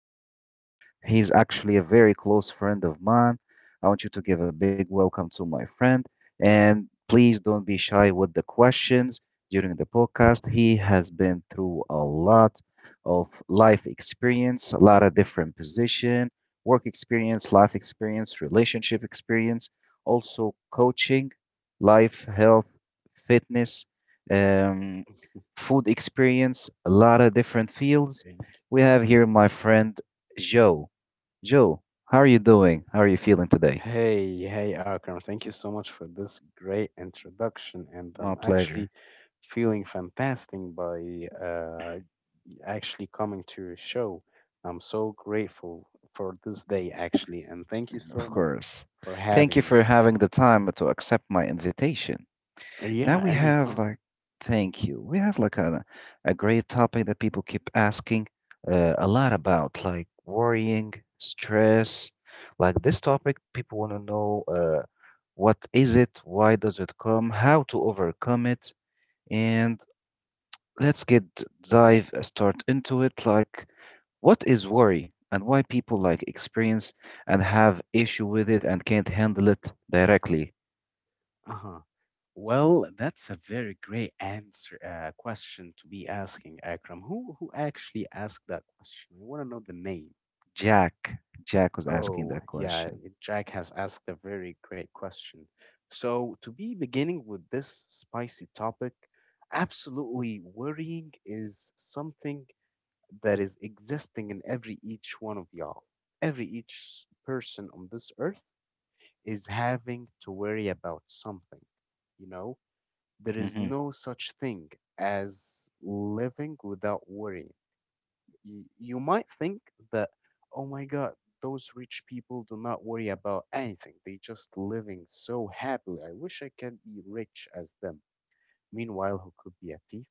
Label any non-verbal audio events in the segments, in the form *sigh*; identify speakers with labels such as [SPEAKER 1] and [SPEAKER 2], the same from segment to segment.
[SPEAKER 1] with the most. He's actually a very close friend of mine. I want you to give a big welcome to my friend, and please don't be shy with the questions during the podcast. He has been through a lot of life experience, a lot of different position, work experience, life experience, relationship experience, also coaching, life, health, fitness, um, food experience, a lot of different fields.
[SPEAKER 2] Thank-
[SPEAKER 1] We have here my friend Joe. Joe, how are you doing? How are you feeling today?
[SPEAKER 2] Hey, hey, Akram. Thank you so much for this great introduction. And
[SPEAKER 1] My
[SPEAKER 2] I'm
[SPEAKER 1] pleasure,
[SPEAKER 2] actually feeling fantastic by actually coming to your show. I'm so grateful for this day, actually. And thank you so
[SPEAKER 1] of
[SPEAKER 2] much
[SPEAKER 1] course.
[SPEAKER 2] for
[SPEAKER 1] Thank you
[SPEAKER 2] having me.
[SPEAKER 1] for having the time to accept my invitation. Now
[SPEAKER 2] Yeah,
[SPEAKER 1] we have
[SPEAKER 2] anytime.
[SPEAKER 1] thank you. We have a great topic that people keep asking a lot about, like worrying, stress. Like this topic, people want to know, what is it, why does it come, how to overcome it, and let's get dive start into it. Like, what is worry and why people like experience and have issue with it and can't handle it directly?
[SPEAKER 2] Uh-huh. Well, that's a very great answer question to be asking, Akram. Who actually asked that question? I want to know the name.
[SPEAKER 1] Jack, Jack was asking
[SPEAKER 2] Oh,
[SPEAKER 1] that
[SPEAKER 2] yeah,
[SPEAKER 1] question.
[SPEAKER 2] Jack has asked a very great question. So, to be beginning with this spicy topic, absolutely worrying is something that is existing in every each one of y'all. Every each person on this earth is having to worry about something. You know, there is
[SPEAKER 1] Mm-hmm.
[SPEAKER 2] no such thing as living without worrying you might think that, oh my God, those rich people do not worry about anything. They just living so happily. I wish I can be rich as them. Meanwhile, he could be a thief.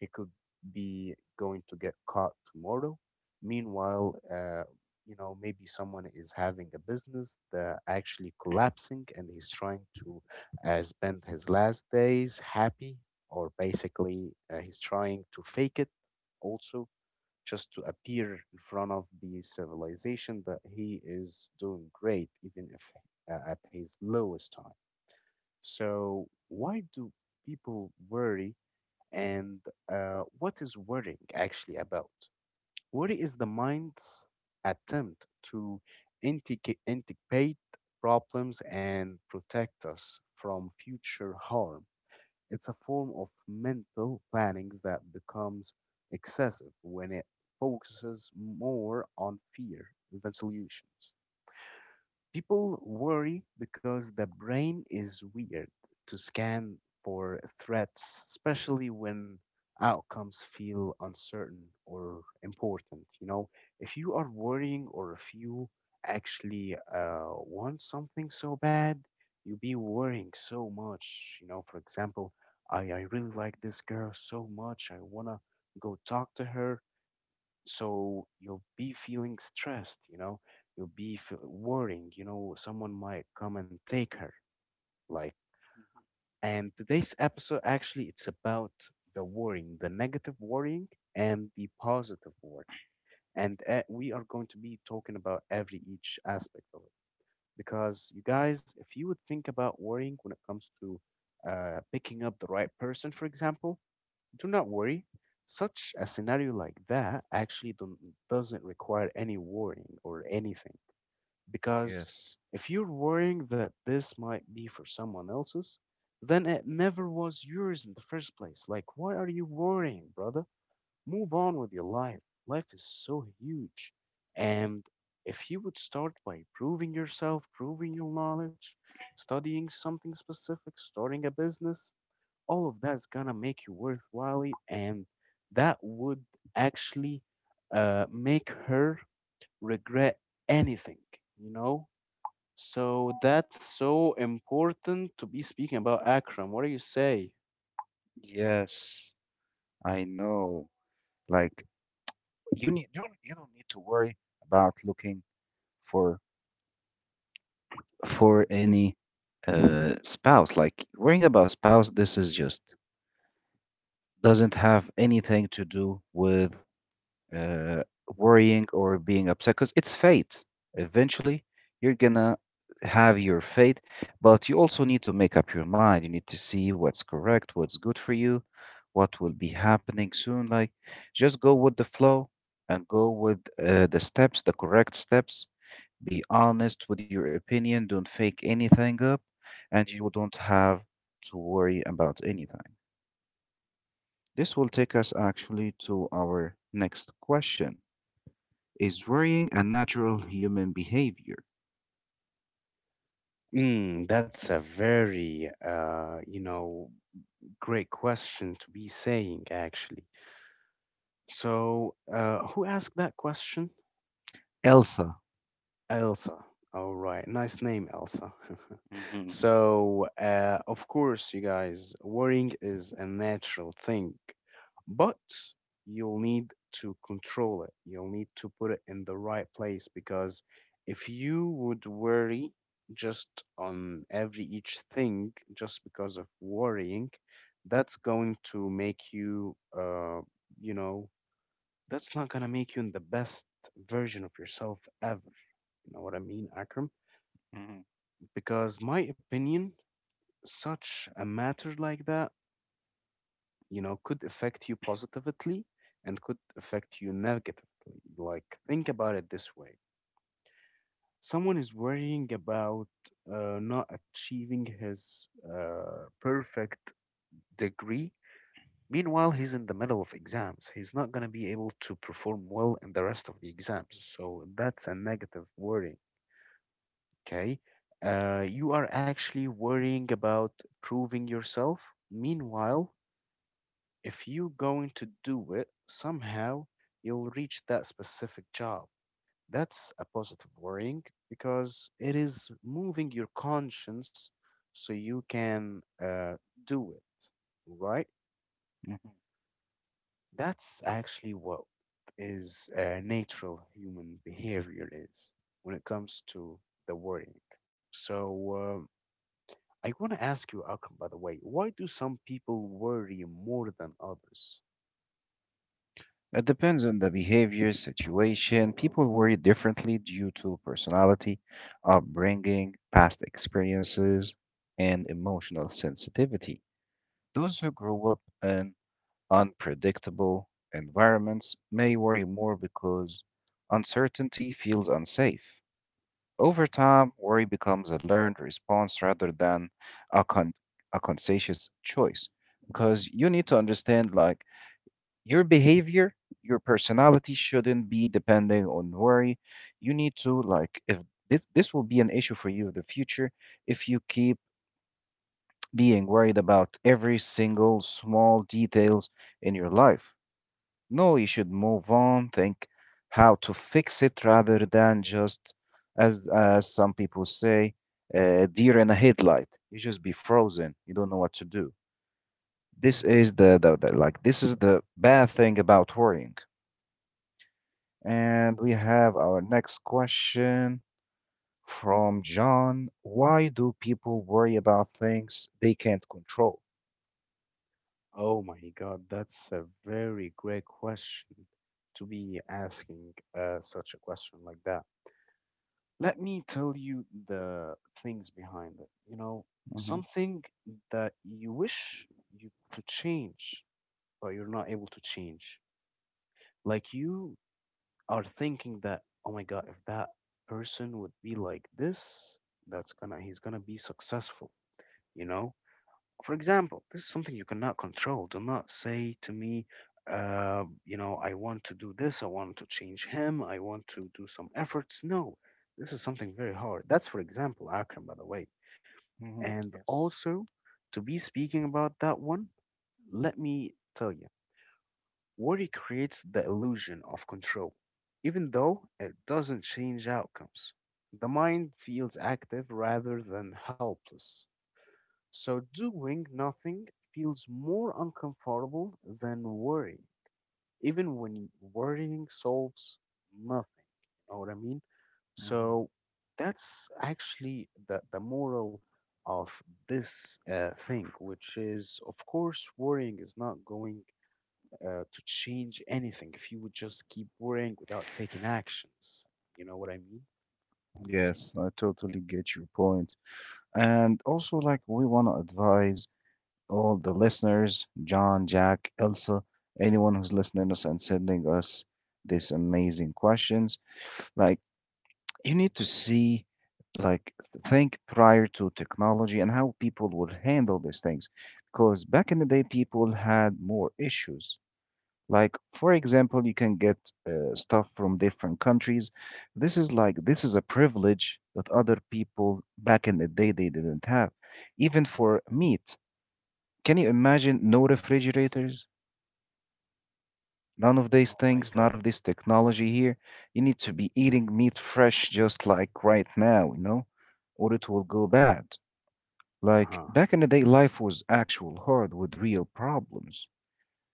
[SPEAKER 2] He could be going to get caught tomorrow. Meanwhile, you know, maybe someone is having a business that actually collapsing and he's trying to spend his last days happy, or basically he's trying to fake it also just to appear in front of the civilization that he is doing great, even if at his lowest time. So, why do people worry, and what is worrying actually about? Worry is the mind's attempt to anticipate problems and protect us from future harm. It's a form of mental planning that becomes excessive when it focuses more on fear than solutions. People worry because the brain is weird to scan for threats, especially when outcomes feel uncertain or important. You know, if you are worrying or if you actually want something so bad, you be worrying so much. You know, for example, I really like this girl so much, I wanna go talk to her, so you'll be feeling stressed, you know, you'll be worrying, you know, someone might come and take her, like, and today's episode actually it's about the worrying, the negative worrying and the positive worrying, and we are going to be talking about every each aspect of it because you guys, if you would think about worrying when it comes to picking up the right person, for example, do not worry. Such a scenario like that actually don't, doesn't require any worrying or anything. Because
[SPEAKER 1] Yes,
[SPEAKER 2] if you're worrying that this might be for someone else's, then it never was yours in the first place. Like, why are you worrying, brother? Move on with your life. Life is so huge. And if you would start by proving yourself, proving your knowledge, studying something specific, starting a business, all of that's gonna make you worthwhile it, and that would actually make her regret anything, you know, so that's so important to be speaking about, Akram. What do you say?
[SPEAKER 1] yes, I know. Like you need, you don't need to worry about looking for for any spouse. Like worrying about spouse, this is just doesn't have anything to do with uh, worrying or being upset because it's fate. Eventually, you're gonna have your fate, but you also need to make up your mind. You need to see what's correct, what's good for you, what will be happening soon. Like, just go with the flow and go with the steps, the correct steps. Be honest with your opinion. Don't fake anything up, and you don't have to worry about anything. This will take us actually to our next question: is worrying a natural human behavior?
[SPEAKER 2] That's a very, you know, great question to be saying, actually. So, who asked that question?
[SPEAKER 1] Elsa.
[SPEAKER 2] Elsa. All right, nice name, Elsa. *laughs*
[SPEAKER 1] Mm-hmm.
[SPEAKER 2] So, of course, you guys, worrying is a natural thing, but you'll need to control it. You'll need to put it in the right place because if you would worry just on every each thing just because of worrying, that's going to make you, you know, that's not gonna make you in the best version of yourself ever, you know what I mean, Akram?
[SPEAKER 1] hmm
[SPEAKER 2] Because my opinion, such a matter like that, you know, could affect you positively and could affect you negatively. Like, think about it this way. Someone is worrying about not achieving his perfect degree. Meanwhile, he's in the middle of exams. He's not going to be able to perform well in the rest of the exams. So that's a negative worry. Okay, you are actually worrying about proving yourself, meanwhile, if you're going to do it somehow, you'll reach that specific job. That's a positive worrying because it is moving your conscience, so you can do it right.
[SPEAKER 1] hmm
[SPEAKER 2] That's actually what is natural human behavior is when it comes to the worrying. So, um, I want to ask you, Akram, by the way, why do some people worry more than others?
[SPEAKER 1] It depends on the behavior, situation. People worry differently due to personality, upbringing, past experiences, and emotional sensitivity. Those who grew up in unpredictable environments may worry more because uncertainty feels unsafe. Over time, worry becomes a learned response rather than a, con- a conscientious choice, because you need to understand, like, your behavior, your personality shouldn't be depending on worry. You need to like, if this will be an issue for you in the future if you keep being worried about every single small details in your life. No, you should move on, think how to fix it rather than just, as some people say, a deer in a headlight. You just be frozen. You don't know what to do. This
[SPEAKER 2] Hmm.
[SPEAKER 1] is the like this is the bad thing about worrying. And we have our next question from John. Why do people worry about things they can't control?
[SPEAKER 2] Oh my God, that's a very great question to be asking such a question like that. Let me tell you the things behind it. You know,
[SPEAKER 1] Hmm
[SPEAKER 2] something that you wish you to change, but you're not able to change. Like you are thinking that, oh my God, if that person would be like this, that's gonna he's gonna be successful, you know? For example, this is something you cannot control. Do not say to me, you know, I want to do this, I want to change him, I want to do some efforts. No, this is something very hard. That's, for example, Akram, by the way.
[SPEAKER 1] hmm
[SPEAKER 2] And
[SPEAKER 1] Yes.
[SPEAKER 2] also, to be speaking about that one, let me tell you, worry creates the illusion of control, even though it doesn't change outcomes. The mind feels active rather than helpless. So doing nothing feels more uncomfortable than worry, even when worrying solves nothing. You know what I mean?
[SPEAKER 1] hmm
[SPEAKER 2] So that's actually the moral of this thing, which is, of course, worrying is not going to change anything if you would just keep worrying without taking actions. You know what I mean?
[SPEAKER 1] Yes, I totally get your point. And also, like, we want to advise all the listeners: John, Jack, Elsa, anyone who's listening us and sending us these amazing questions. Like, you need to see, like, think prior to technology and how people would handle these things, because back in the day, people had more issues. Like, for example, you can get stuff from different countries. This is like, this is a privilege that other people back in the day they didn't have, even for meat. Can you imagine no refrigerators? None of these
[SPEAKER 2] Oh my
[SPEAKER 1] things, none of
[SPEAKER 2] God.
[SPEAKER 1] this technology here. You need to be eating meat fresh just like right now, you know, or it will go bad.
[SPEAKER 2] Uh
[SPEAKER 1] Like,
[SPEAKER 2] huh.
[SPEAKER 1] back in the day, life was actual hard with real problems.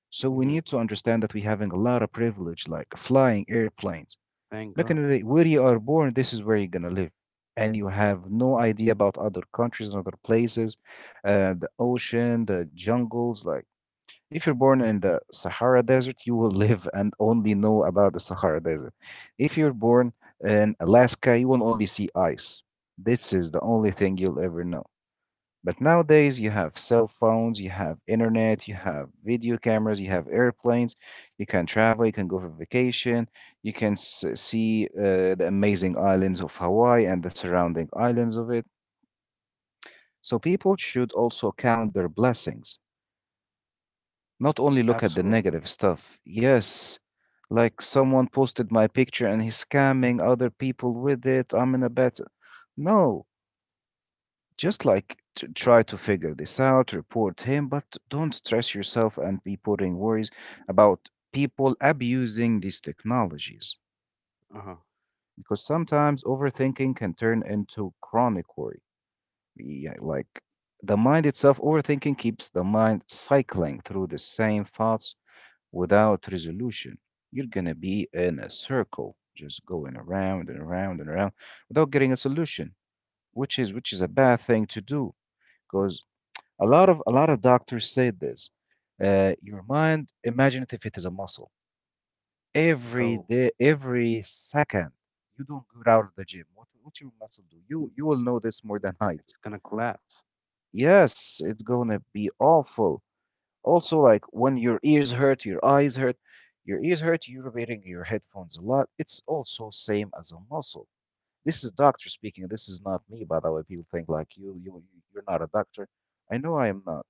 [SPEAKER 1] So we need
[SPEAKER 2] Mm-hmm.
[SPEAKER 1] to understand that we having a lot of privilege, like flying airplanes.
[SPEAKER 2] Thank
[SPEAKER 1] Back in the
[SPEAKER 2] God.
[SPEAKER 1] day, where you are born, this is where you're gonna live. And you have no idea about other countries and other places, the ocean, the jungles, like, if you're born in the Sahara Desert, you will *laughs* live and only know about the Sahara Desert. If you're born in Alaska, you will only see ice. This is the only thing you'll ever know. But nowadays, you have cell phones, you have internet, you have video cameras, you have airplanes, you can travel, you can go for vacation, you can see the amazing islands of Hawaii and the surrounding islands of it. So people should also count their blessings. Not only look at the
[SPEAKER 2] Absolutely.
[SPEAKER 1] negative stuff. Yes, like, someone posted my picture and he's scamming other people with it. I'm in a bad. No, just like try to figure this out, report him, but don't stress yourself and be putting worries about people abusing these technologies,
[SPEAKER 2] Uh huh.
[SPEAKER 1] because sometimes overthinking can turn into chronic worry. Yeah, like, the mind itself, overthinking keeps the mind cycling through the same thoughts without resolution. You're gonna be in a circle, just going around and around and around without getting a solution, which is a bad thing to do because a lot of doctors say this. Your mind, imagine it if it is a muscle. Every
[SPEAKER 2] Oh.
[SPEAKER 1] day, every second, you don't go out of the gym. What your muscle do? You will know this more than I do.
[SPEAKER 2] It's gonna collapse.
[SPEAKER 1] Yes, it's gonna be awful. Also, like, when your ears hurt, your eyes hurt, your ears hurt, you're wearing your headphones a lot. It's also same as a muscle. This is doctor speaking. This is not me, by the way. People think like, you're not a doctor. I know I am not,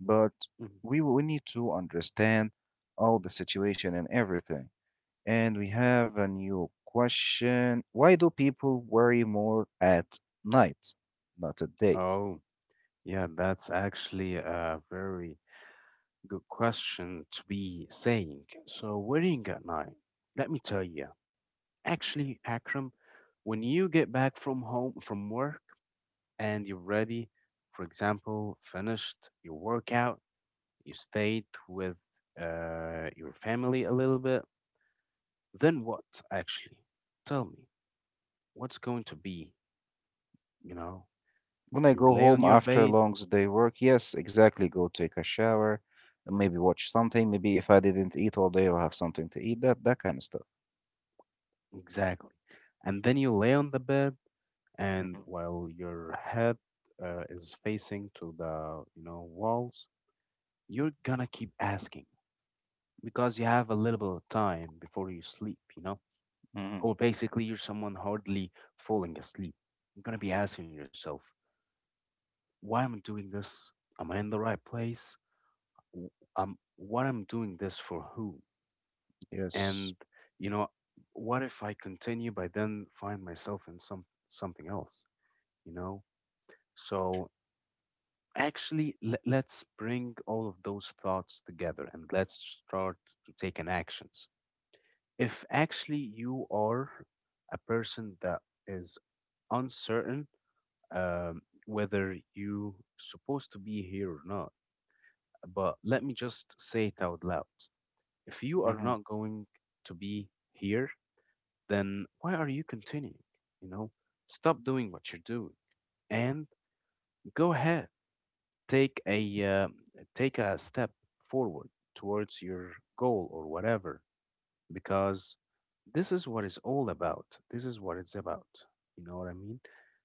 [SPEAKER 1] but
[SPEAKER 2] Mhm.
[SPEAKER 1] we need to understand all the situation and everything. And we have a new question. Why do people worry more at night, not at day?
[SPEAKER 2] Oh, yeah, that's actually a very good question to be saying. So, worrying at night, let me tell you, actually, Akram, when you get back from home, from work, and you're ready, for example, finished your workout, you stayed with your family a little bit, then what, actually? Tell me, what's going to be, you know?
[SPEAKER 1] When I
[SPEAKER 2] You
[SPEAKER 1] go
[SPEAKER 2] lay on
[SPEAKER 1] home
[SPEAKER 2] your
[SPEAKER 1] after a
[SPEAKER 2] bed.
[SPEAKER 1] long day work, yes, exactly. Go take a shower, and maybe watch something. Maybe if I didn't eat all day, I'll have something to eat. That kind of stuff.
[SPEAKER 2] Exactly. And then you lay on the bed, and
[SPEAKER 1] Hmm
[SPEAKER 2] while your head is facing to the, you know, walls, you're gonna keep asking because you have a little bit of time before you sleep, you know?
[SPEAKER 1] hmm
[SPEAKER 2] Or basically, you're someone hardly falling asleep. You're gonna be asking yourself, why am I doing this? Am I in the right place? W- what I'm doing this for who?
[SPEAKER 1] Yes.
[SPEAKER 2] And you know, what if I continue by then find myself in some something else, you know? So actually let's bring all of those thoughts together and let's start to taking actions. If actually you are a person that is uncertain whether you supposed to be here or not, but let me just say it out loud, if you are
[SPEAKER 1] hmm
[SPEAKER 2] not going to be here, then why are you continuing? You know, stop doing what you're doing and go ahead. Take a take a step forward towards your goal or whatever, because this is what it's all about. This is what it's about. You know what I mean?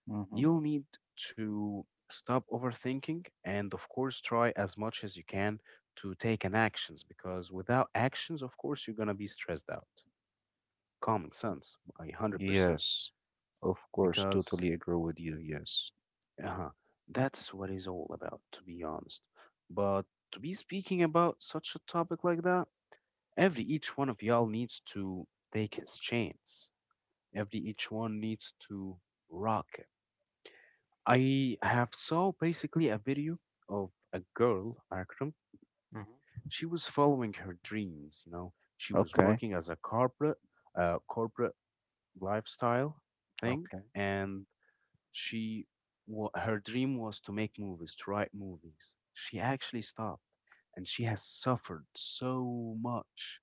[SPEAKER 1] hmm
[SPEAKER 2] You'll need to stop overthinking and, of course, try as much as you can to take an actions because without actions, of course, you're going to be stressed out. Common sense, I 100%.
[SPEAKER 1] Yes. Of course, totally
[SPEAKER 2] Because
[SPEAKER 1] agree with you. Yes.
[SPEAKER 2] Uh-huh. That's what it's all about, to be honest. But to be speaking about such a topic like that, every each one of y'all needs to take his chance. Every each one needs to rock it. I have saw basically a video of a girl, Akram.
[SPEAKER 1] hmm
[SPEAKER 2] She was following her dreams, you know. She was
[SPEAKER 1] Okay.
[SPEAKER 2] working as a corporate, corporate lifestyle thing,
[SPEAKER 1] Okay.
[SPEAKER 2] and she her dream was to make movies, to write movies. She actually stopped and she has suffered so much,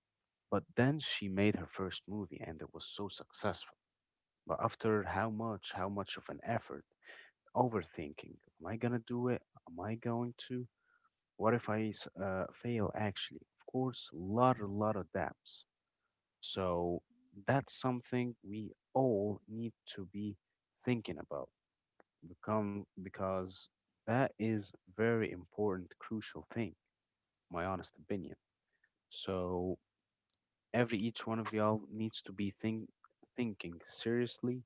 [SPEAKER 2] but then she made her first movie and it was so successful. But after how much, of an effort, overthinking, am I gonna do it, am I going to, what if I fail, actually, of course, lot a lot of doubts. So that's something we all need to be thinking about, become because that is very important, crucial thing, my honest opinion. So every each one of y'all needs to be thinking seriously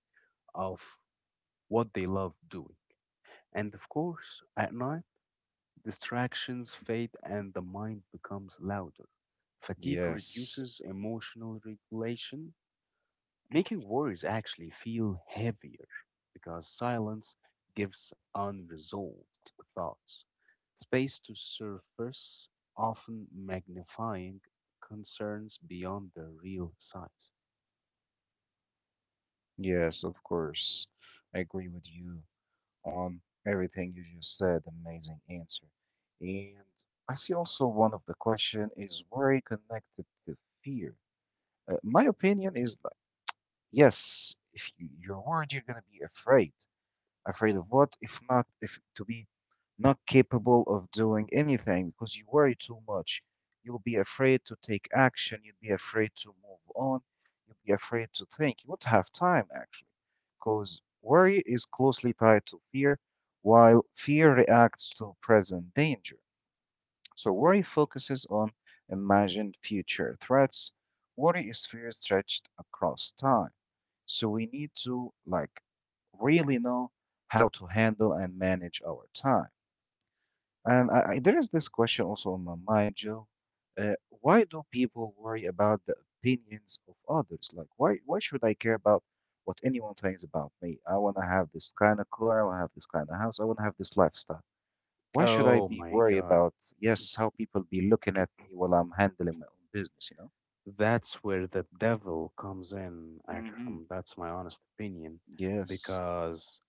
[SPEAKER 2] of what they love doing. And of course, at night, distractions fade and the mind becomes louder. Fatigue
[SPEAKER 1] Yes.
[SPEAKER 2] reduces emotional regulation, making worries actually feel heavier because silence gives unresolved thoughts space to surface, often magnifying concerns beyond their real size.
[SPEAKER 1] Yes, of course. I agree with you on everything you just said. Amazing answer. And I see also one of the question is worry connected to fear? My opinion is like, yes, if you're worried, you're gonna be afraid, afraid of what if, not if to be not capable of doing anything because you worry too much. You'll be afraid to take action, you'll be afraid to move on, you'll be afraid to think, you won't have time actually, because worry is closely tied to fear. While fear reacts to present danger, so worry focuses on imagined future threats. Worry is fear stretched across time. So we need to, like, really know how to handle and manage our time. And there is this question also on my mind, Joe. Why do people worry about the opinions of others? Like, why should I care about what anyone thinks about me? I want to have this kind of car. I want to have this kind of house. I want to have this lifestyle. Why should I
[SPEAKER 2] Oh
[SPEAKER 1] be
[SPEAKER 2] my
[SPEAKER 1] worried
[SPEAKER 2] god,
[SPEAKER 1] about, yes, how people be looking at me while I'm handling my own business, you know?
[SPEAKER 2] that's where the devil comes in,
[SPEAKER 1] Hmm
[SPEAKER 2] Akram. That's my honest opinion
[SPEAKER 1] Yes.
[SPEAKER 2] because,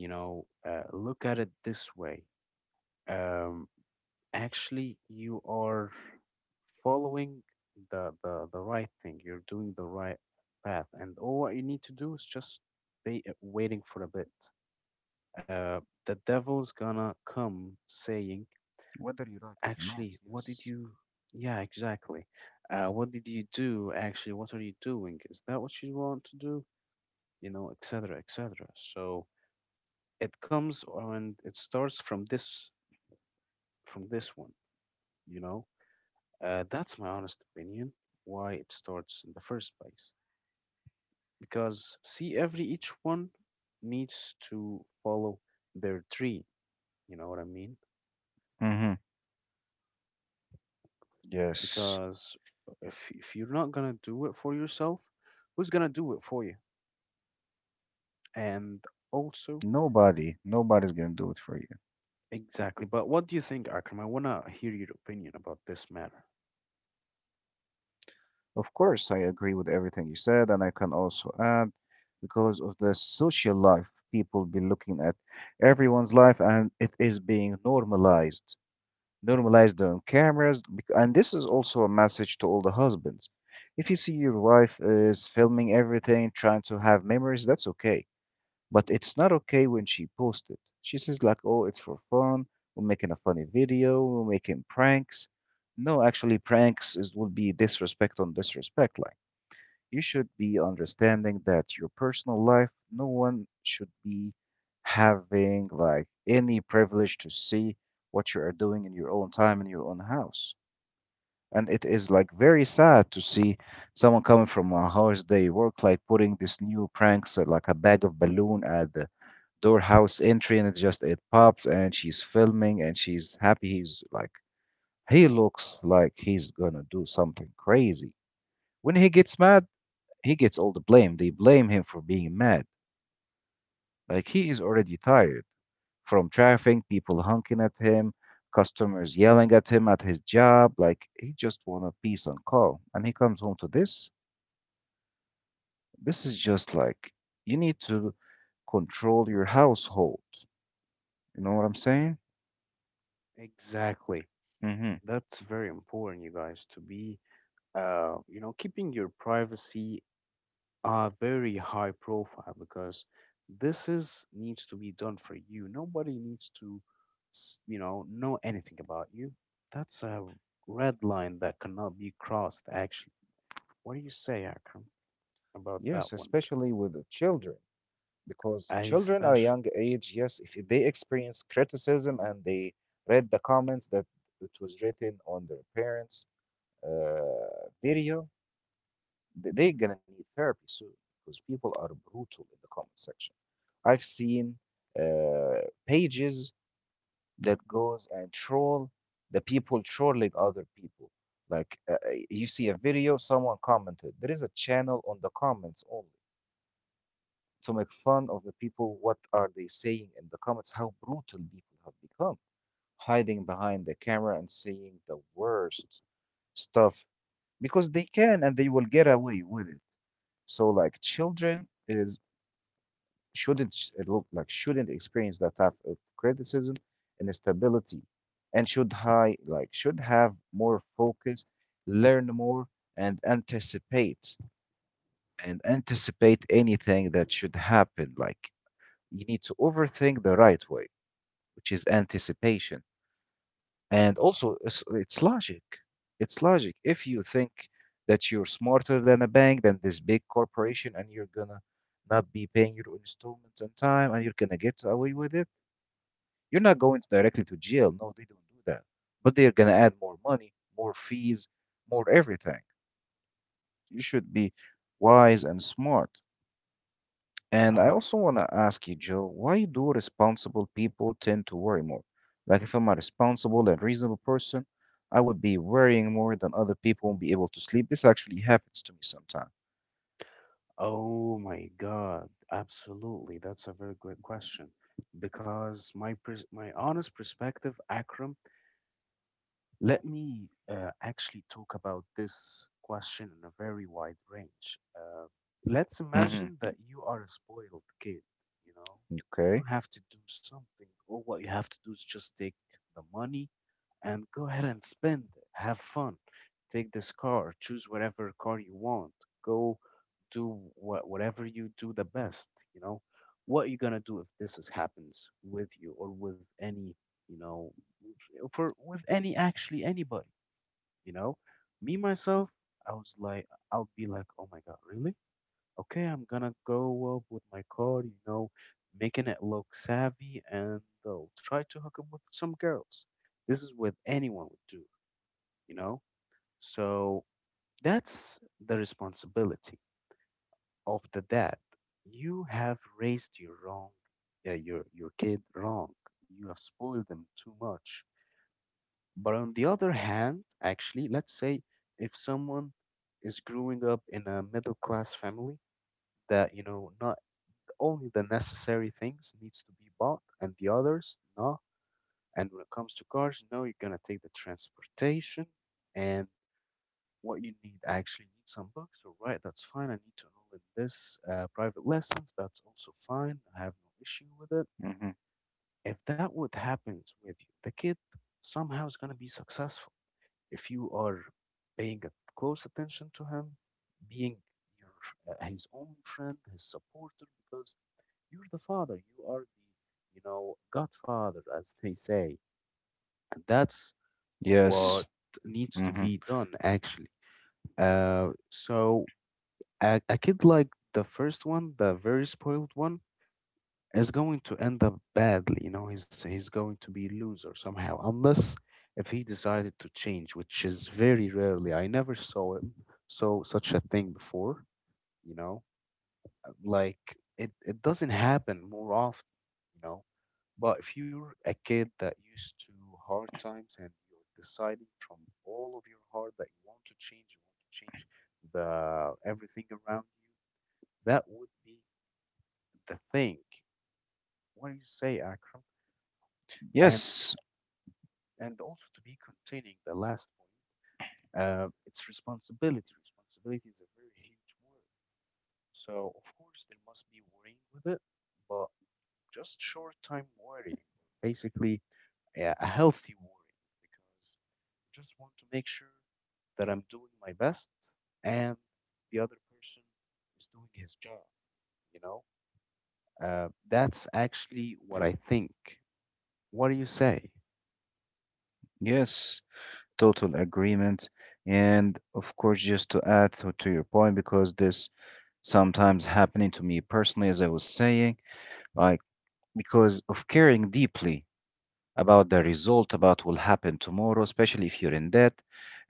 [SPEAKER 2] you know, look at it this way. Um, actually you are following the right thing. You're doing the right path, and all what you need to do is just be waiting for a bit. uh the devil's gonna come saying,
[SPEAKER 1] Whether you like it or
[SPEAKER 2] actually
[SPEAKER 1] not,
[SPEAKER 2] what did
[SPEAKER 1] yes.
[SPEAKER 2] you yeah, exactly. What did you do? Actually, what are you doing? Is that what you want to do, you know, etc, etc? So it comes and it starts from this, from this one, you know. That's my honest opinion why it starts in the first place. Because, see, every each one needs to follow their tree. You know what I mean?
[SPEAKER 1] Mm-hmm. Yes.
[SPEAKER 2] Because if you're not gonna do it for yourself, who's gonna do it for you? And also,
[SPEAKER 1] Nobody's gonna do it for you.
[SPEAKER 2] exactly. But what do you think, Akram? I wanna hear your opinion about this matter.
[SPEAKER 1] Of course, I agree with everything you said, and I can also add, because of the social life, people be looking at everyone's life and it is being normalized. Normalized on cameras. And this is also a message to all the husbands. If you see your wife is filming everything, trying to have memories, that's okay. But it's not okay when she posts it. She says, like, oh, it's for fun. We're making a funny video. We're making pranks. No, actually, pranks is, would be disrespect on disrespect. Like, you should be understanding that your personal life, no one should be having like any privilege to see what you are doing in your own time in your own house. And it is like very sad to see someone coming from a house they work, like putting this new pranks, like a bag of balloon at the door house entry, and it just it pops and she's filming and she's happy, he's like, he looks like he's gonna do something crazy. When he gets mad, he gets all the blame. They blame him for being mad. Like, he is already tired from traffic, people honking at him, customers yelling at him at his job. Like, he just want a peace and calm. And he comes home to this. This is just like, you need to control your household. You know what I'm saying?
[SPEAKER 2] Exactly.
[SPEAKER 1] Hmm.
[SPEAKER 2] That's very important, you guys, to be, you know, keeping your privacy are very high profile, because this is needs to be done for you. Nobody needs to, you know anything about you. That's a red line that cannot be crossed. Actually, what do you say, Akram, about that
[SPEAKER 1] Yes,
[SPEAKER 2] one?
[SPEAKER 1] especially with the children, because
[SPEAKER 2] I
[SPEAKER 1] children at a
[SPEAKER 2] special.
[SPEAKER 1] young age, yes, if they experience criticism and they read the comments that it was written on their parents, video, they're gonna need therapy soon because people are brutal in the comment section. I've seen pages that goes and troll the people trolling other people. Like you see a video, someone commented. There is a channel on the comments only to make fun of the people. What are they saying in the comments? How brutal people have become, hiding behind the camera and saying the worst stuff because they can and they will get away with it. So like children is shouldn't sh- look like shouldn't experience that type of criticism and instability and should high like should have more focus, learn more and anticipate and anticipate anything that should happen. Like you need to overthink the right way, which is anticipation. And also, it's logic. It's logic. If you think that you're smarter than a bank, than this big corporation, and you're gonna not be paying your installments on time, and you're gonna get away with it, you're not going directly to jail. No, they don't do that. But they're gonna add more money, more fees, more everything. You should be wise and smart. And
[SPEAKER 2] Uh
[SPEAKER 1] I
[SPEAKER 2] huh.
[SPEAKER 1] also want to ask you, Joe, why do responsible people tend to worry more? Like, if I'm a responsible and reasonable person, I would be worrying more than other people won't be able to sleep. This actually happens to me sometimes.
[SPEAKER 2] Oh my God! Absolutely, that's a very good question because my honest perspective, Akram, let me actually talk about this question in a very wide range. Let's
[SPEAKER 1] Mm-hmm.
[SPEAKER 2] imagine that you are a spoiled kid, you know. You
[SPEAKER 1] Okay.
[SPEAKER 2] don't have to do something. All what you have to do is just take the money and go ahead and spend it. Have fun. Take this car. Choose whatever car you want. Go do whatever you do the best. You know, what are you gonna do if this is, happens with you or with any, you know, for with any, actually, anybody. You know, me myself, I was like, I'll be like, oh my god, really? Okay, I'm gonna go up with my car, you know, making it look savvy, and they'll try to hook up with some girls. This is what anyone would do, you know? So that's the responsibility of the dad. You have raised your wrong, uh, your kid wrong. You have spoiled them too much. But on the other hand, actually, let's say if someone is growing up in a middle class family that, you know, not only the necessary things needs to be bought, and the others no. And when it comes to cars, no, you're gonna take the transportation and what you need. I actually need some books, all right, that's fine. I need to enroll in this private lessons, that's also fine, I have no issue
[SPEAKER 1] Mm-hmm.
[SPEAKER 2] with it. If that would happens with you, the kid somehow is gonna be successful if you are paying a close attention to him, being your his only friend, his supporter, because you're the father. You are the, you know, godfather, as they say. And that's
[SPEAKER 1] Yes.
[SPEAKER 2] what
[SPEAKER 1] Mm-hmm.
[SPEAKER 2] needs to be done, actually. So a kid like the first one, the very spoiled one, is going to end up badly. You know, he's going to be loser somehow, unless if he decided to change, which is very rarely. I never saw him saw such a thing before. You know, like it doesn't happen more often, you know. But if you're a kid that used to hard times, and you're deciding from all of your heart that you want to change, you want to change the everything around you, that would be the thing. What do you say, Akram? and
[SPEAKER 1] Yes,
[SPEAKER 2] and also, to be containing the last point, it's responsibility. Responsibility is a very huge word, so of course there must be worrying with it. But just short time worrying, or basically a healthy worrying, because I just want to make sure that I'm doing my best and the other person is doing his job, you know? That's actually what I think. What do you say?
[SPEAKER 1] yes, total agreement. And of course, just to add to your point, because this sometimes happening to me personally, as I was saying, like because of caring deeply about the result, about will happen tomorrow, especially if you're in debt.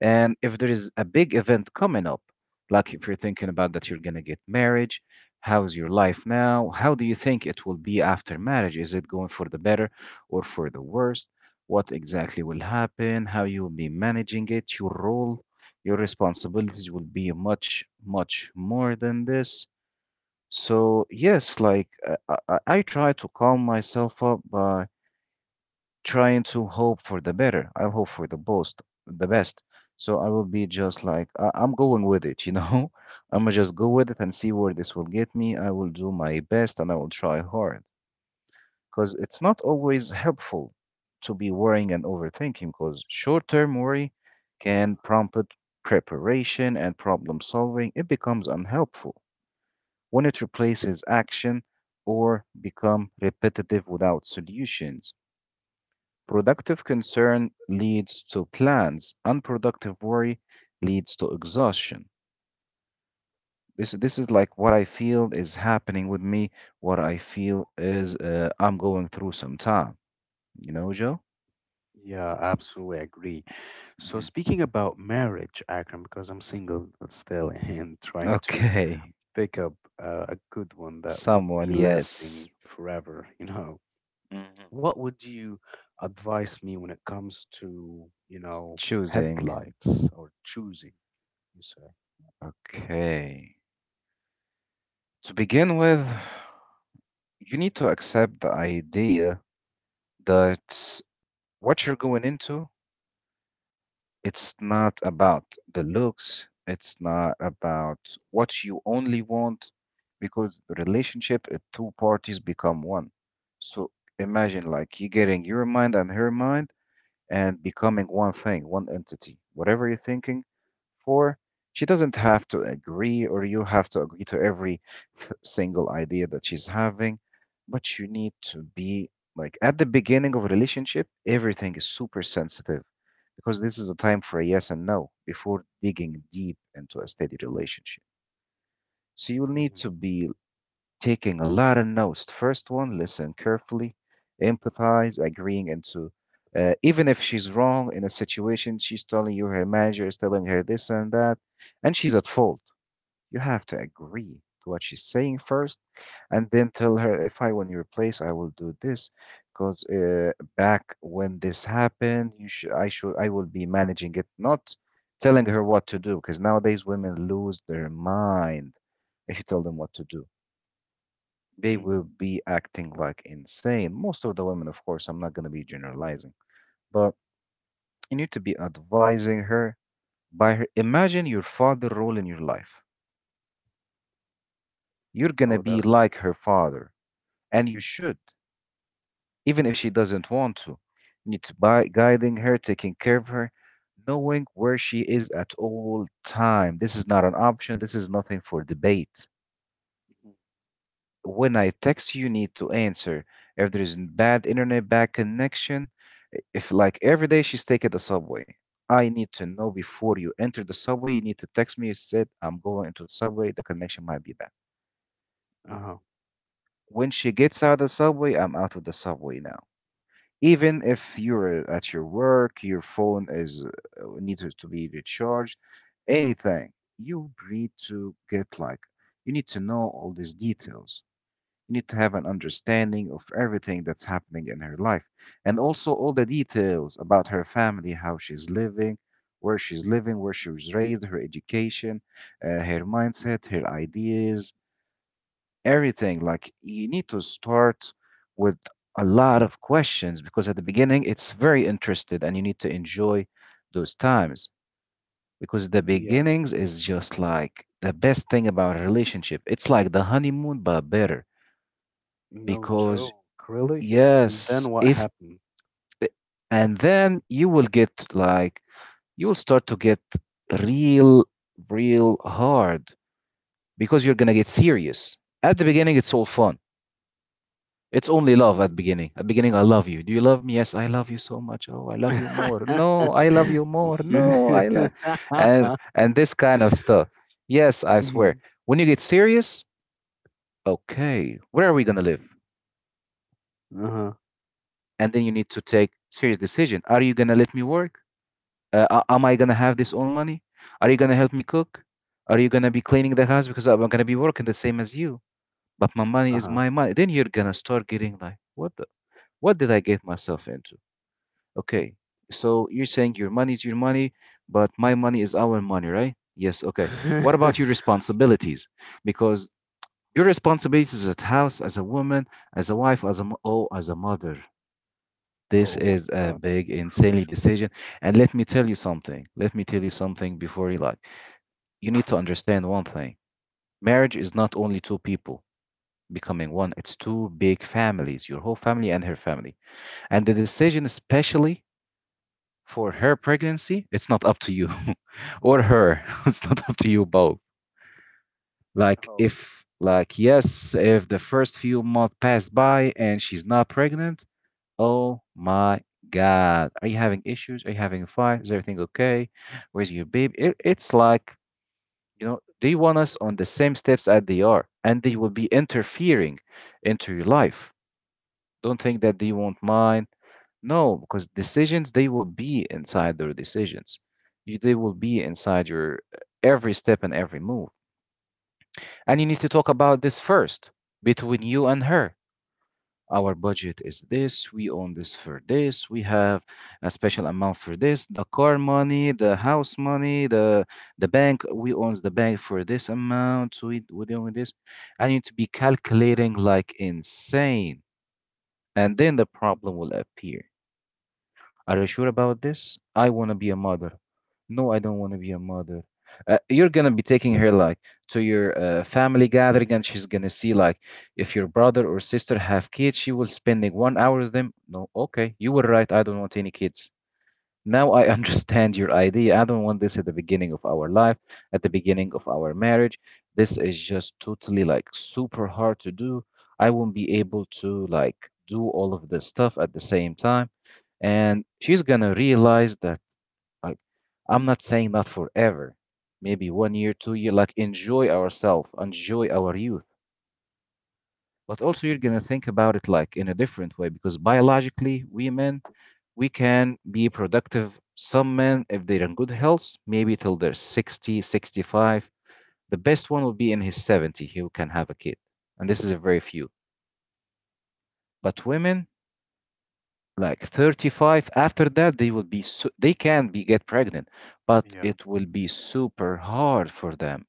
[SPEAKER 1] And if there is a big event coming up, like if you're thinking about that you're going to get marriage, how's your life now? How do you think it will be after marriage? Is it going for the better or for the worst? What exactly will happen? How you will be managing it? Your role, your responsibilities will be much, much more than this. So yes, like I I try to calm myself up by trying to hope for the better. I'll hope for the the best. So I will be just like I'm going with it, you know? *laughs* I'm gonna just go with it and see where this will get me. I will do my best and I will try hard because it's not always helpful to be worrying and overthinking because short-term worry can prompt preparation and problem solving. It becomes unhelpful when it replaces action or become repetitive without solutions. Productive concern leads to plans. Unproductive worry leads to exhaustion. This is like what I feel is happening with me. What I feel is I'm going through some time. You know, Joe?
[SPEAKER 2] Yeah, absolutely agree. So
[SPEAKER 1] Hmm.
[SPEAKER 2] speaking about marriage, Akram, because I'm single still *laughs* and trying to
[SPEAKER 1] Okay.
[SPEAKER 2] pick up a good one that would
[SPEAKER 1] Someone,
[SPEAKER 2] be
[SPEAKER 1] yes.
[SPEAKER 2] lasting forever, you know.
[SPEAKER 1] Hmm.
[SPEAKER 2] What would you advise me when it comes to, you know,
[SPEAKER 1] Choosing.
[SPEAKER 2] headlights or choosing, you say?
[SPEAKER 1] Okay. To begin with, you need to accept the idea that what you're going into, it's not about the looks, it's not about what you only want, because the relationship, two parties become one. So imagine like you getting your mind and her mind and becoming one thing, one entity. Whatever you're thinking, for she doesn't have to agree or you have to agree to every single idea that she's having, but you need to be like at the beginning of a relationship everything is super sensitive because this is a time for a yes and no before digging deep into a steady relationship, so you need
[SPEAKER 2] Hmm.
[SPEAKER 1] to be taking a lot of notes. First one, listen carefully, empathize, agreeing into even if she's wrong in a situation, she's telling you her manager is telling her this and that, and she's at fault. You have to agree to what she's saying first, and then tell her if I want your place, I will do this. Because back when this happened, you should I will be managing it, not telling her what to do. Because nowadays women lose their mind if you tell them what to do, they will
[SPEAKER 2] Hmm.
[SPEAKER 1] be acting like insane. Most of the women, of course, I'm not going to be generalizing, but you need to be advising her by her. Imagine your father role in your life. You're going
[SPEAKER 2] Oh,
[SPEAKER 1] to
[SPEAKER 2] that
[SPEAKER 1] be
[SPEAKER 2] would be.
[SPEAKER 1] like her father, and you should, even if she doesn't want to. You need to by guiding her, taking care of her, knowing where she is at all time. This is not an option. This is nothing for debate. When I text you need to answer. If there's bad internet, bad connection, if like every day she's taking the subway, I need to know before you enter the subway. You need to text me. You said I'm going into the subway. The connection might be bad.
[SPEAKER 2] Uh-huh.
[SPEAKER 1] When she gets out of the subway, I'm out of the subway now. Even if you're at your work, your phone is needs to be recharged. Anything you need to get like you need to know all these details. You need to have an understanding of everything that's happening in her life and also all the details about her family, how she's living, where she was raised, her education, her mindset, her ideas, everything. Like you need to start with a lot of questions because at the beginning it's very interested and you need to enjoy those times because the
[SPEAKER 2] Yeah,
[SPEAKER 1] beginnings is just like the best thing about a relationship. It's like the honeymoon, but better
[SPEAKER 2] no
[SPEAKER 1] because
[SPEAKER 2] joke, really? And
[SPEAKER 1] yes,
[SPEAKER 2] then what
[SPEAKER 1] if
[SPEAKER 2] happened?
[SPEAKER 1] eh, and then you will get like you will start to get real, real hard because you're gonna get serious. At the beginning, it's all fun. It's only love at
[SPEAKER 2] Mm.
[SPEAKER 1] beginning. At beginning, I love you. Do you love me? Yes, I love you so much. Oh, I love you more. No, I love you
[SPEAKER 2] *laughs*
[SPEAKER 1] more. No, I love, and this kind of stuff. Yes, I swear.
[SPEAKER 2] Mhm.
[SPEAKER 1] When you get serious, okay, where are we gonna live?
[SPEAKER 2] Uh-huh,
[SPEAKER 1] And then you need to take serious decision. Are you gonna let me work? Am I gonna have this own money? Are you gonna help me cook? Are you gonna be cleaning the house because I'm gonna be working the same as you? But my money is my
[SPEAKER 2] uh-huh.
[SPEAKER 1] money. Then you're gonna start getting like, what the, what did I get myself into? Okay, so you're saying your money is your money, but my money is our money, right? Yes. Okay. What about your
[SPEAKER 2] *laughs*
[SPEAKER 1] responsibilities? Because your responsibilities at house, as a woman, as a wife, as a as a mother. This
[SPEAKER 2] Oh my
[SPEAKER 1] is a
[SPEAKER 2] god.
[SPEAKER 1] big, insanely
[SPEAKER 2] Crucial.
[SPEAKER 1] decision. And let me tell you something. Let me tell you something before you like. You need to understand one thing. Marriage is not only two people becoming one, it's two big families, your whole family and her family. And the decision, especially for her pregnancy, it's not up to you *laughs* or her. *laughs* It's not up to you both. Like,
[SPEAKER 2] Oh,
[SPEAKER 1] yes, if the first few months pass by and she's not pregnant, oh my God. Are you having issues? Are you having a fight? Is everything okay? Where's your baby? It's like, you know, they want us on the same steps as they are, and they will be interfering into your life. Don't think that they won't mind. No, because decisions, they will be inside their decisions. They will be inside your every step and every move. And you need to talk about this first between you and her. Our budget is this, we own this for this, we have a special amount for this, the car money, the house money, the bank, we owns the bank for this amount, so we doing this. I need to be calculating like insane, and then the problem will appear. Are you sure about this? I want to be a mother. No, I don't want to be a mother. You're gonna be taking her like to your family gathering, and she's gonna see like if your brother or sister have kids, she will spending 1 hour with them. No, okay, you were right. I don't want any kids. Now I *laughs* understand your idea. I don't want this at the beginning of our life, at the beginning of our marriage. This is just totally like super hard to do. I won't be able to like do all of this stuff at the same time and she's gonna realize that like I'm not saying not forever, maybe 1 year 2 year like enjoy ourselves enjoy our youth, but also you're gonna think about it like in a different way because biologically we men, we can be productive, some men if they're in good health maybe till they're 60, 65. The best one will be in his 70, he who can have a kid, and this is a very few. But women, like 35, after that they will be they can be get pregnant, but
[SPEAKER 2] yeah.
[SPEAKER 1] it will be super hard for them.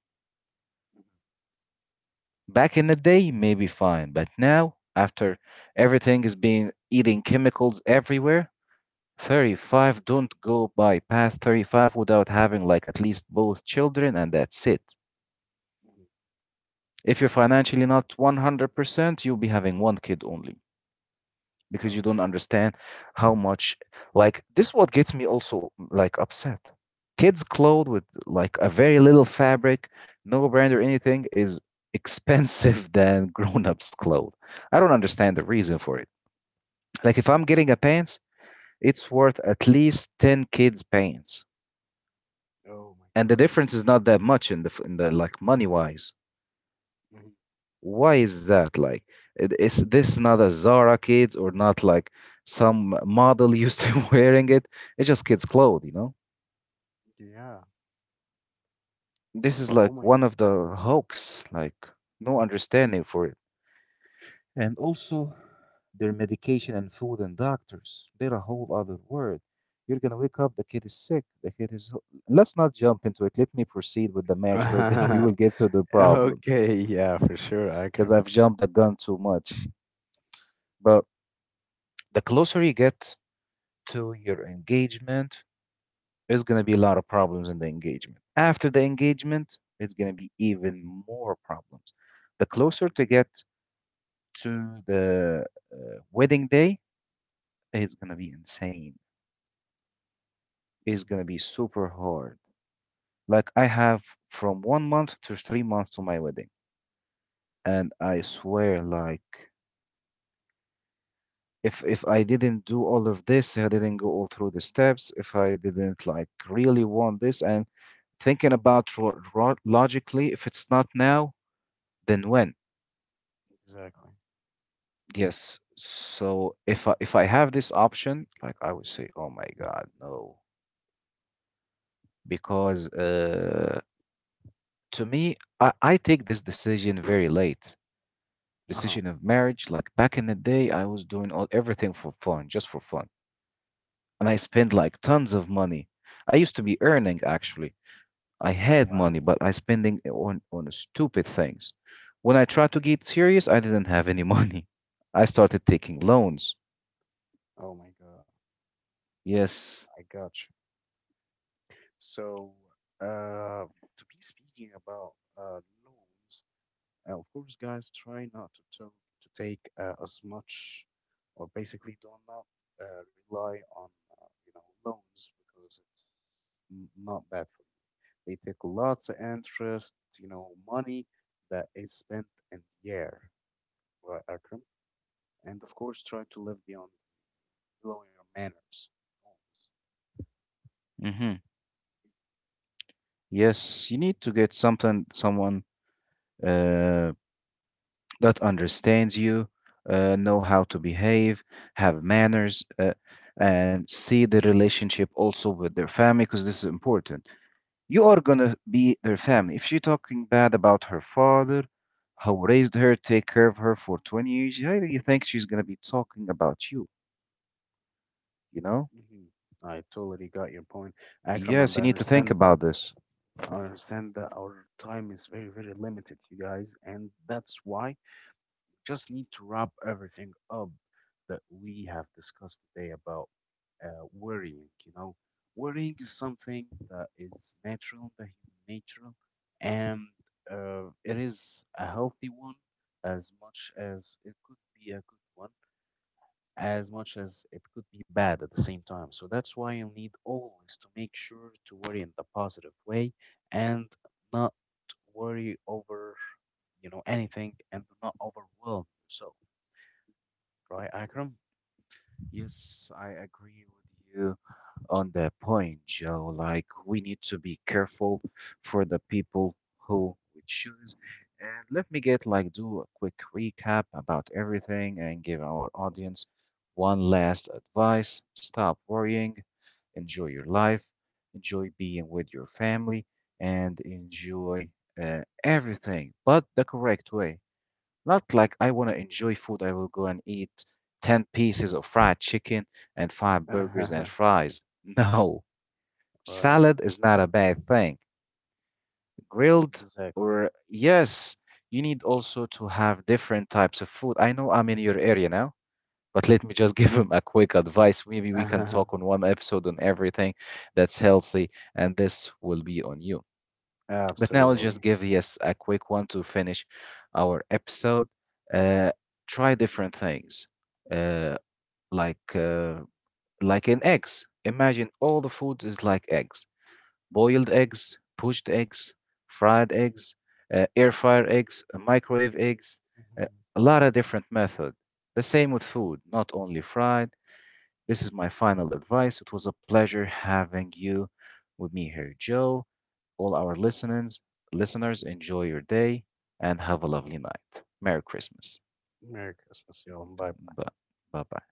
[SPEAKER 1] Back in the day maybe fine, but now after everything is being eating chemicals everywhere, 35, don't go by past 35 without having like at least both children, and that's it.
[SPEAKER 2] Mhm.
[SPEAKER 1] If you're financially not 100%, you'll be having one kid only, because you
[SPEAKER 2] Oh,
[SPEAKER 1] don't
[SPEAKER 2] yeah.
[SPEAKER 1] understand how much. Like, this is what gets me also, like, upset. Kids clothed with like a very little fabric, no brand or anything, is expensive *laughs* than grown-ups clothes. I don't understand the reason for it. Like, if
[SPEAKER 2] Mhm.
[SPEAKER 1] I'm getting a pants, it's worth at least 10 kids pants.
[SPEAKER 2] Oh my
[SPEAKER 1] And the
[SPEAKER 2] god.
[SPEAKER 1] difference is not that much in the in the, like, money wise.
[SPEAKER 2] Mhm.
[SPEAKER 1] Why is that? Like, is this not a Zara kids or not like some model used to *laughs* wearing it? It's just kids' clothes, you know?
[SPEAKER 2] Yeah,
[SPEAKER 1] This is
[SPEAKER 2] but oh
[SPEAKER 1] like
[SPEAKER 2] my.
[SPEAKER 1] one of the hoax, like, no understanding for it. And also, their medication and food and doctors, they're a whole other word. You're gonna wake up, the kid is sick, the kid is. Ho- let's not jump into it. Let me proceed with the match first, *laughs* then we will
[SPEAKER 2] *laughs*
[SPEAKER 1] get to the problems
[SPEAKER 2] Okay, yeah, for sure,
[SPEAKER 1] because
[SPEAKER 2] Akram.
[SPEAKER 1] I've jumped the gun too much. But the closer you get to
[SPEAKER 2] Mhm,
[SPEAKER 1] your engagement, there's going to be a lot of problems in the engagement. After the engagement, it's going to be even more problems. The closer to
[SPEAKER 2] mhm,
[SPEAKER 1] get to the uh, wedding day, it's going to be insane. It's
[SPEAKER 2] mhm.
[SPEAKER 1] going to be super hard. Like I have from 1 month to 3 months to my wedding. And I swear, like, if I didn't do all of this, if I didn't go all through the steps, if I didn't like really want this, and thinking about logically, if it's not now, then when?
[SPEAKER 2] Exactly.
[SPEAKER 1] Yes. So if I have this option, like I would say, oh my God, no, because to me, I take this decision very late.
[SPEAKER 2] Uh-huh.
[SPEAKER 1] Decision of marriage, like back in the day, I was doing all everything for fun, just for fun, and I spent like tons of money. I used to be earning, actually I had money,
[SPEAKER 2] Wow.
[SPEAKER 1] but I spending it on stupid things. When I tried to get serious, I didn't have any *laughs* money. I started
[SPEAKER 2] Mhm.
[SPEAKER 1] taking loans.
[SPEAKER 2] Oh my god.
[SPEAKER 1] Yes.
[SPEAKER 2] I got you. So, uh, to be speaking about loans, of course, guys, try not to take as much, or basically do not rely on, you know, loans, because it's not bad for you. They take lots of interest, you know, money that is spent in the air, right, Akram? And of course, try to live beyond below your manners. Always.
[SPEAKER 1] hmm Yes, you need to get something, someone uh, that understands you, know how to behave, have manners, and see the relationship also with their family, because this is important. You are gonna be their family. If she talking bad about her father, who raised her, take care of her for 20 years, how do you think she's gonna be talking about you? You know?
[SPEAKER 2] Hmm. I totally got your point, Akram, and
[SPEAKER 1] Yes, you
[SPEAKER 2] I
[SPEAKER 1] need to think
[SPEAKER 2] understand that.
[SPEAKER 1] about this.
[SPEAKER 2] I understand that our time is very, very limited, you guys, and that's why just need to wrap everything up that we have discussed today about worrying. You know, worrying is something that is natural in the human nature, and it is a healthy one as much as it could be a good one, as much as it could be bad at the same time. So that's why you need always to make sure to worry in the positive way and not worry over, you know, anything, and do not overwhelm yourself. Right, Akram? *laughs*
[SPEAKER 1] Yes, I agree with you on that point, Joe. Like, we need to be careful for the people who we choose. And let me get, like, do a quick recap about everything and give our audience one last advice. Stop worrying, enjoy your life, enjoy being with your family, and enjoy everything, but the correct way. Not like I want to enjoy food. I will go and eat 10 pieces of fried chicken and five burgers and
[SPEAKER 2] Uh-huh.
[SPEAKER 1] fries. *laughs* No,
[SPEAKER 2] Right,
[SPEAKER 1] salad is not a bad thing. Grilled,
[SPEAKER 2] exactly. *laughs*
[SPEAKER 1] or yes, you need also to have different types of food. I know I'm in your area now, but let me just *laughs* give him a quick advice. Maybe we can
[SPEAKER 2] Uh-huh.
[SPEAKER 1] talk on one episode on everything that's healthy, and this will be on you. But now I'll just
[SPEAKER 2] Absolutely.
[SPEAKER 1] give, yes, a quick one to finish our episode. Uh, Try different things, uh, like uh, like in eggs. Imagine all the food is like eggs: boiled eggs, poached eggs, fried eggs, air fryer eggs, microwave eggs. Uh,
[SPEAKER 2] Mhm.
[SPEAKER 1] a lot of different method. The same with food, not only fried. This is my final advice. It was a pleasure having you with me here, Joe. All our listeners, enjoy your day and have a lovely night. Merry Christmas.
[SPEAKER 2] Merry Christmas, y'all. Bye.
[SPEAKER 1] Bye bye.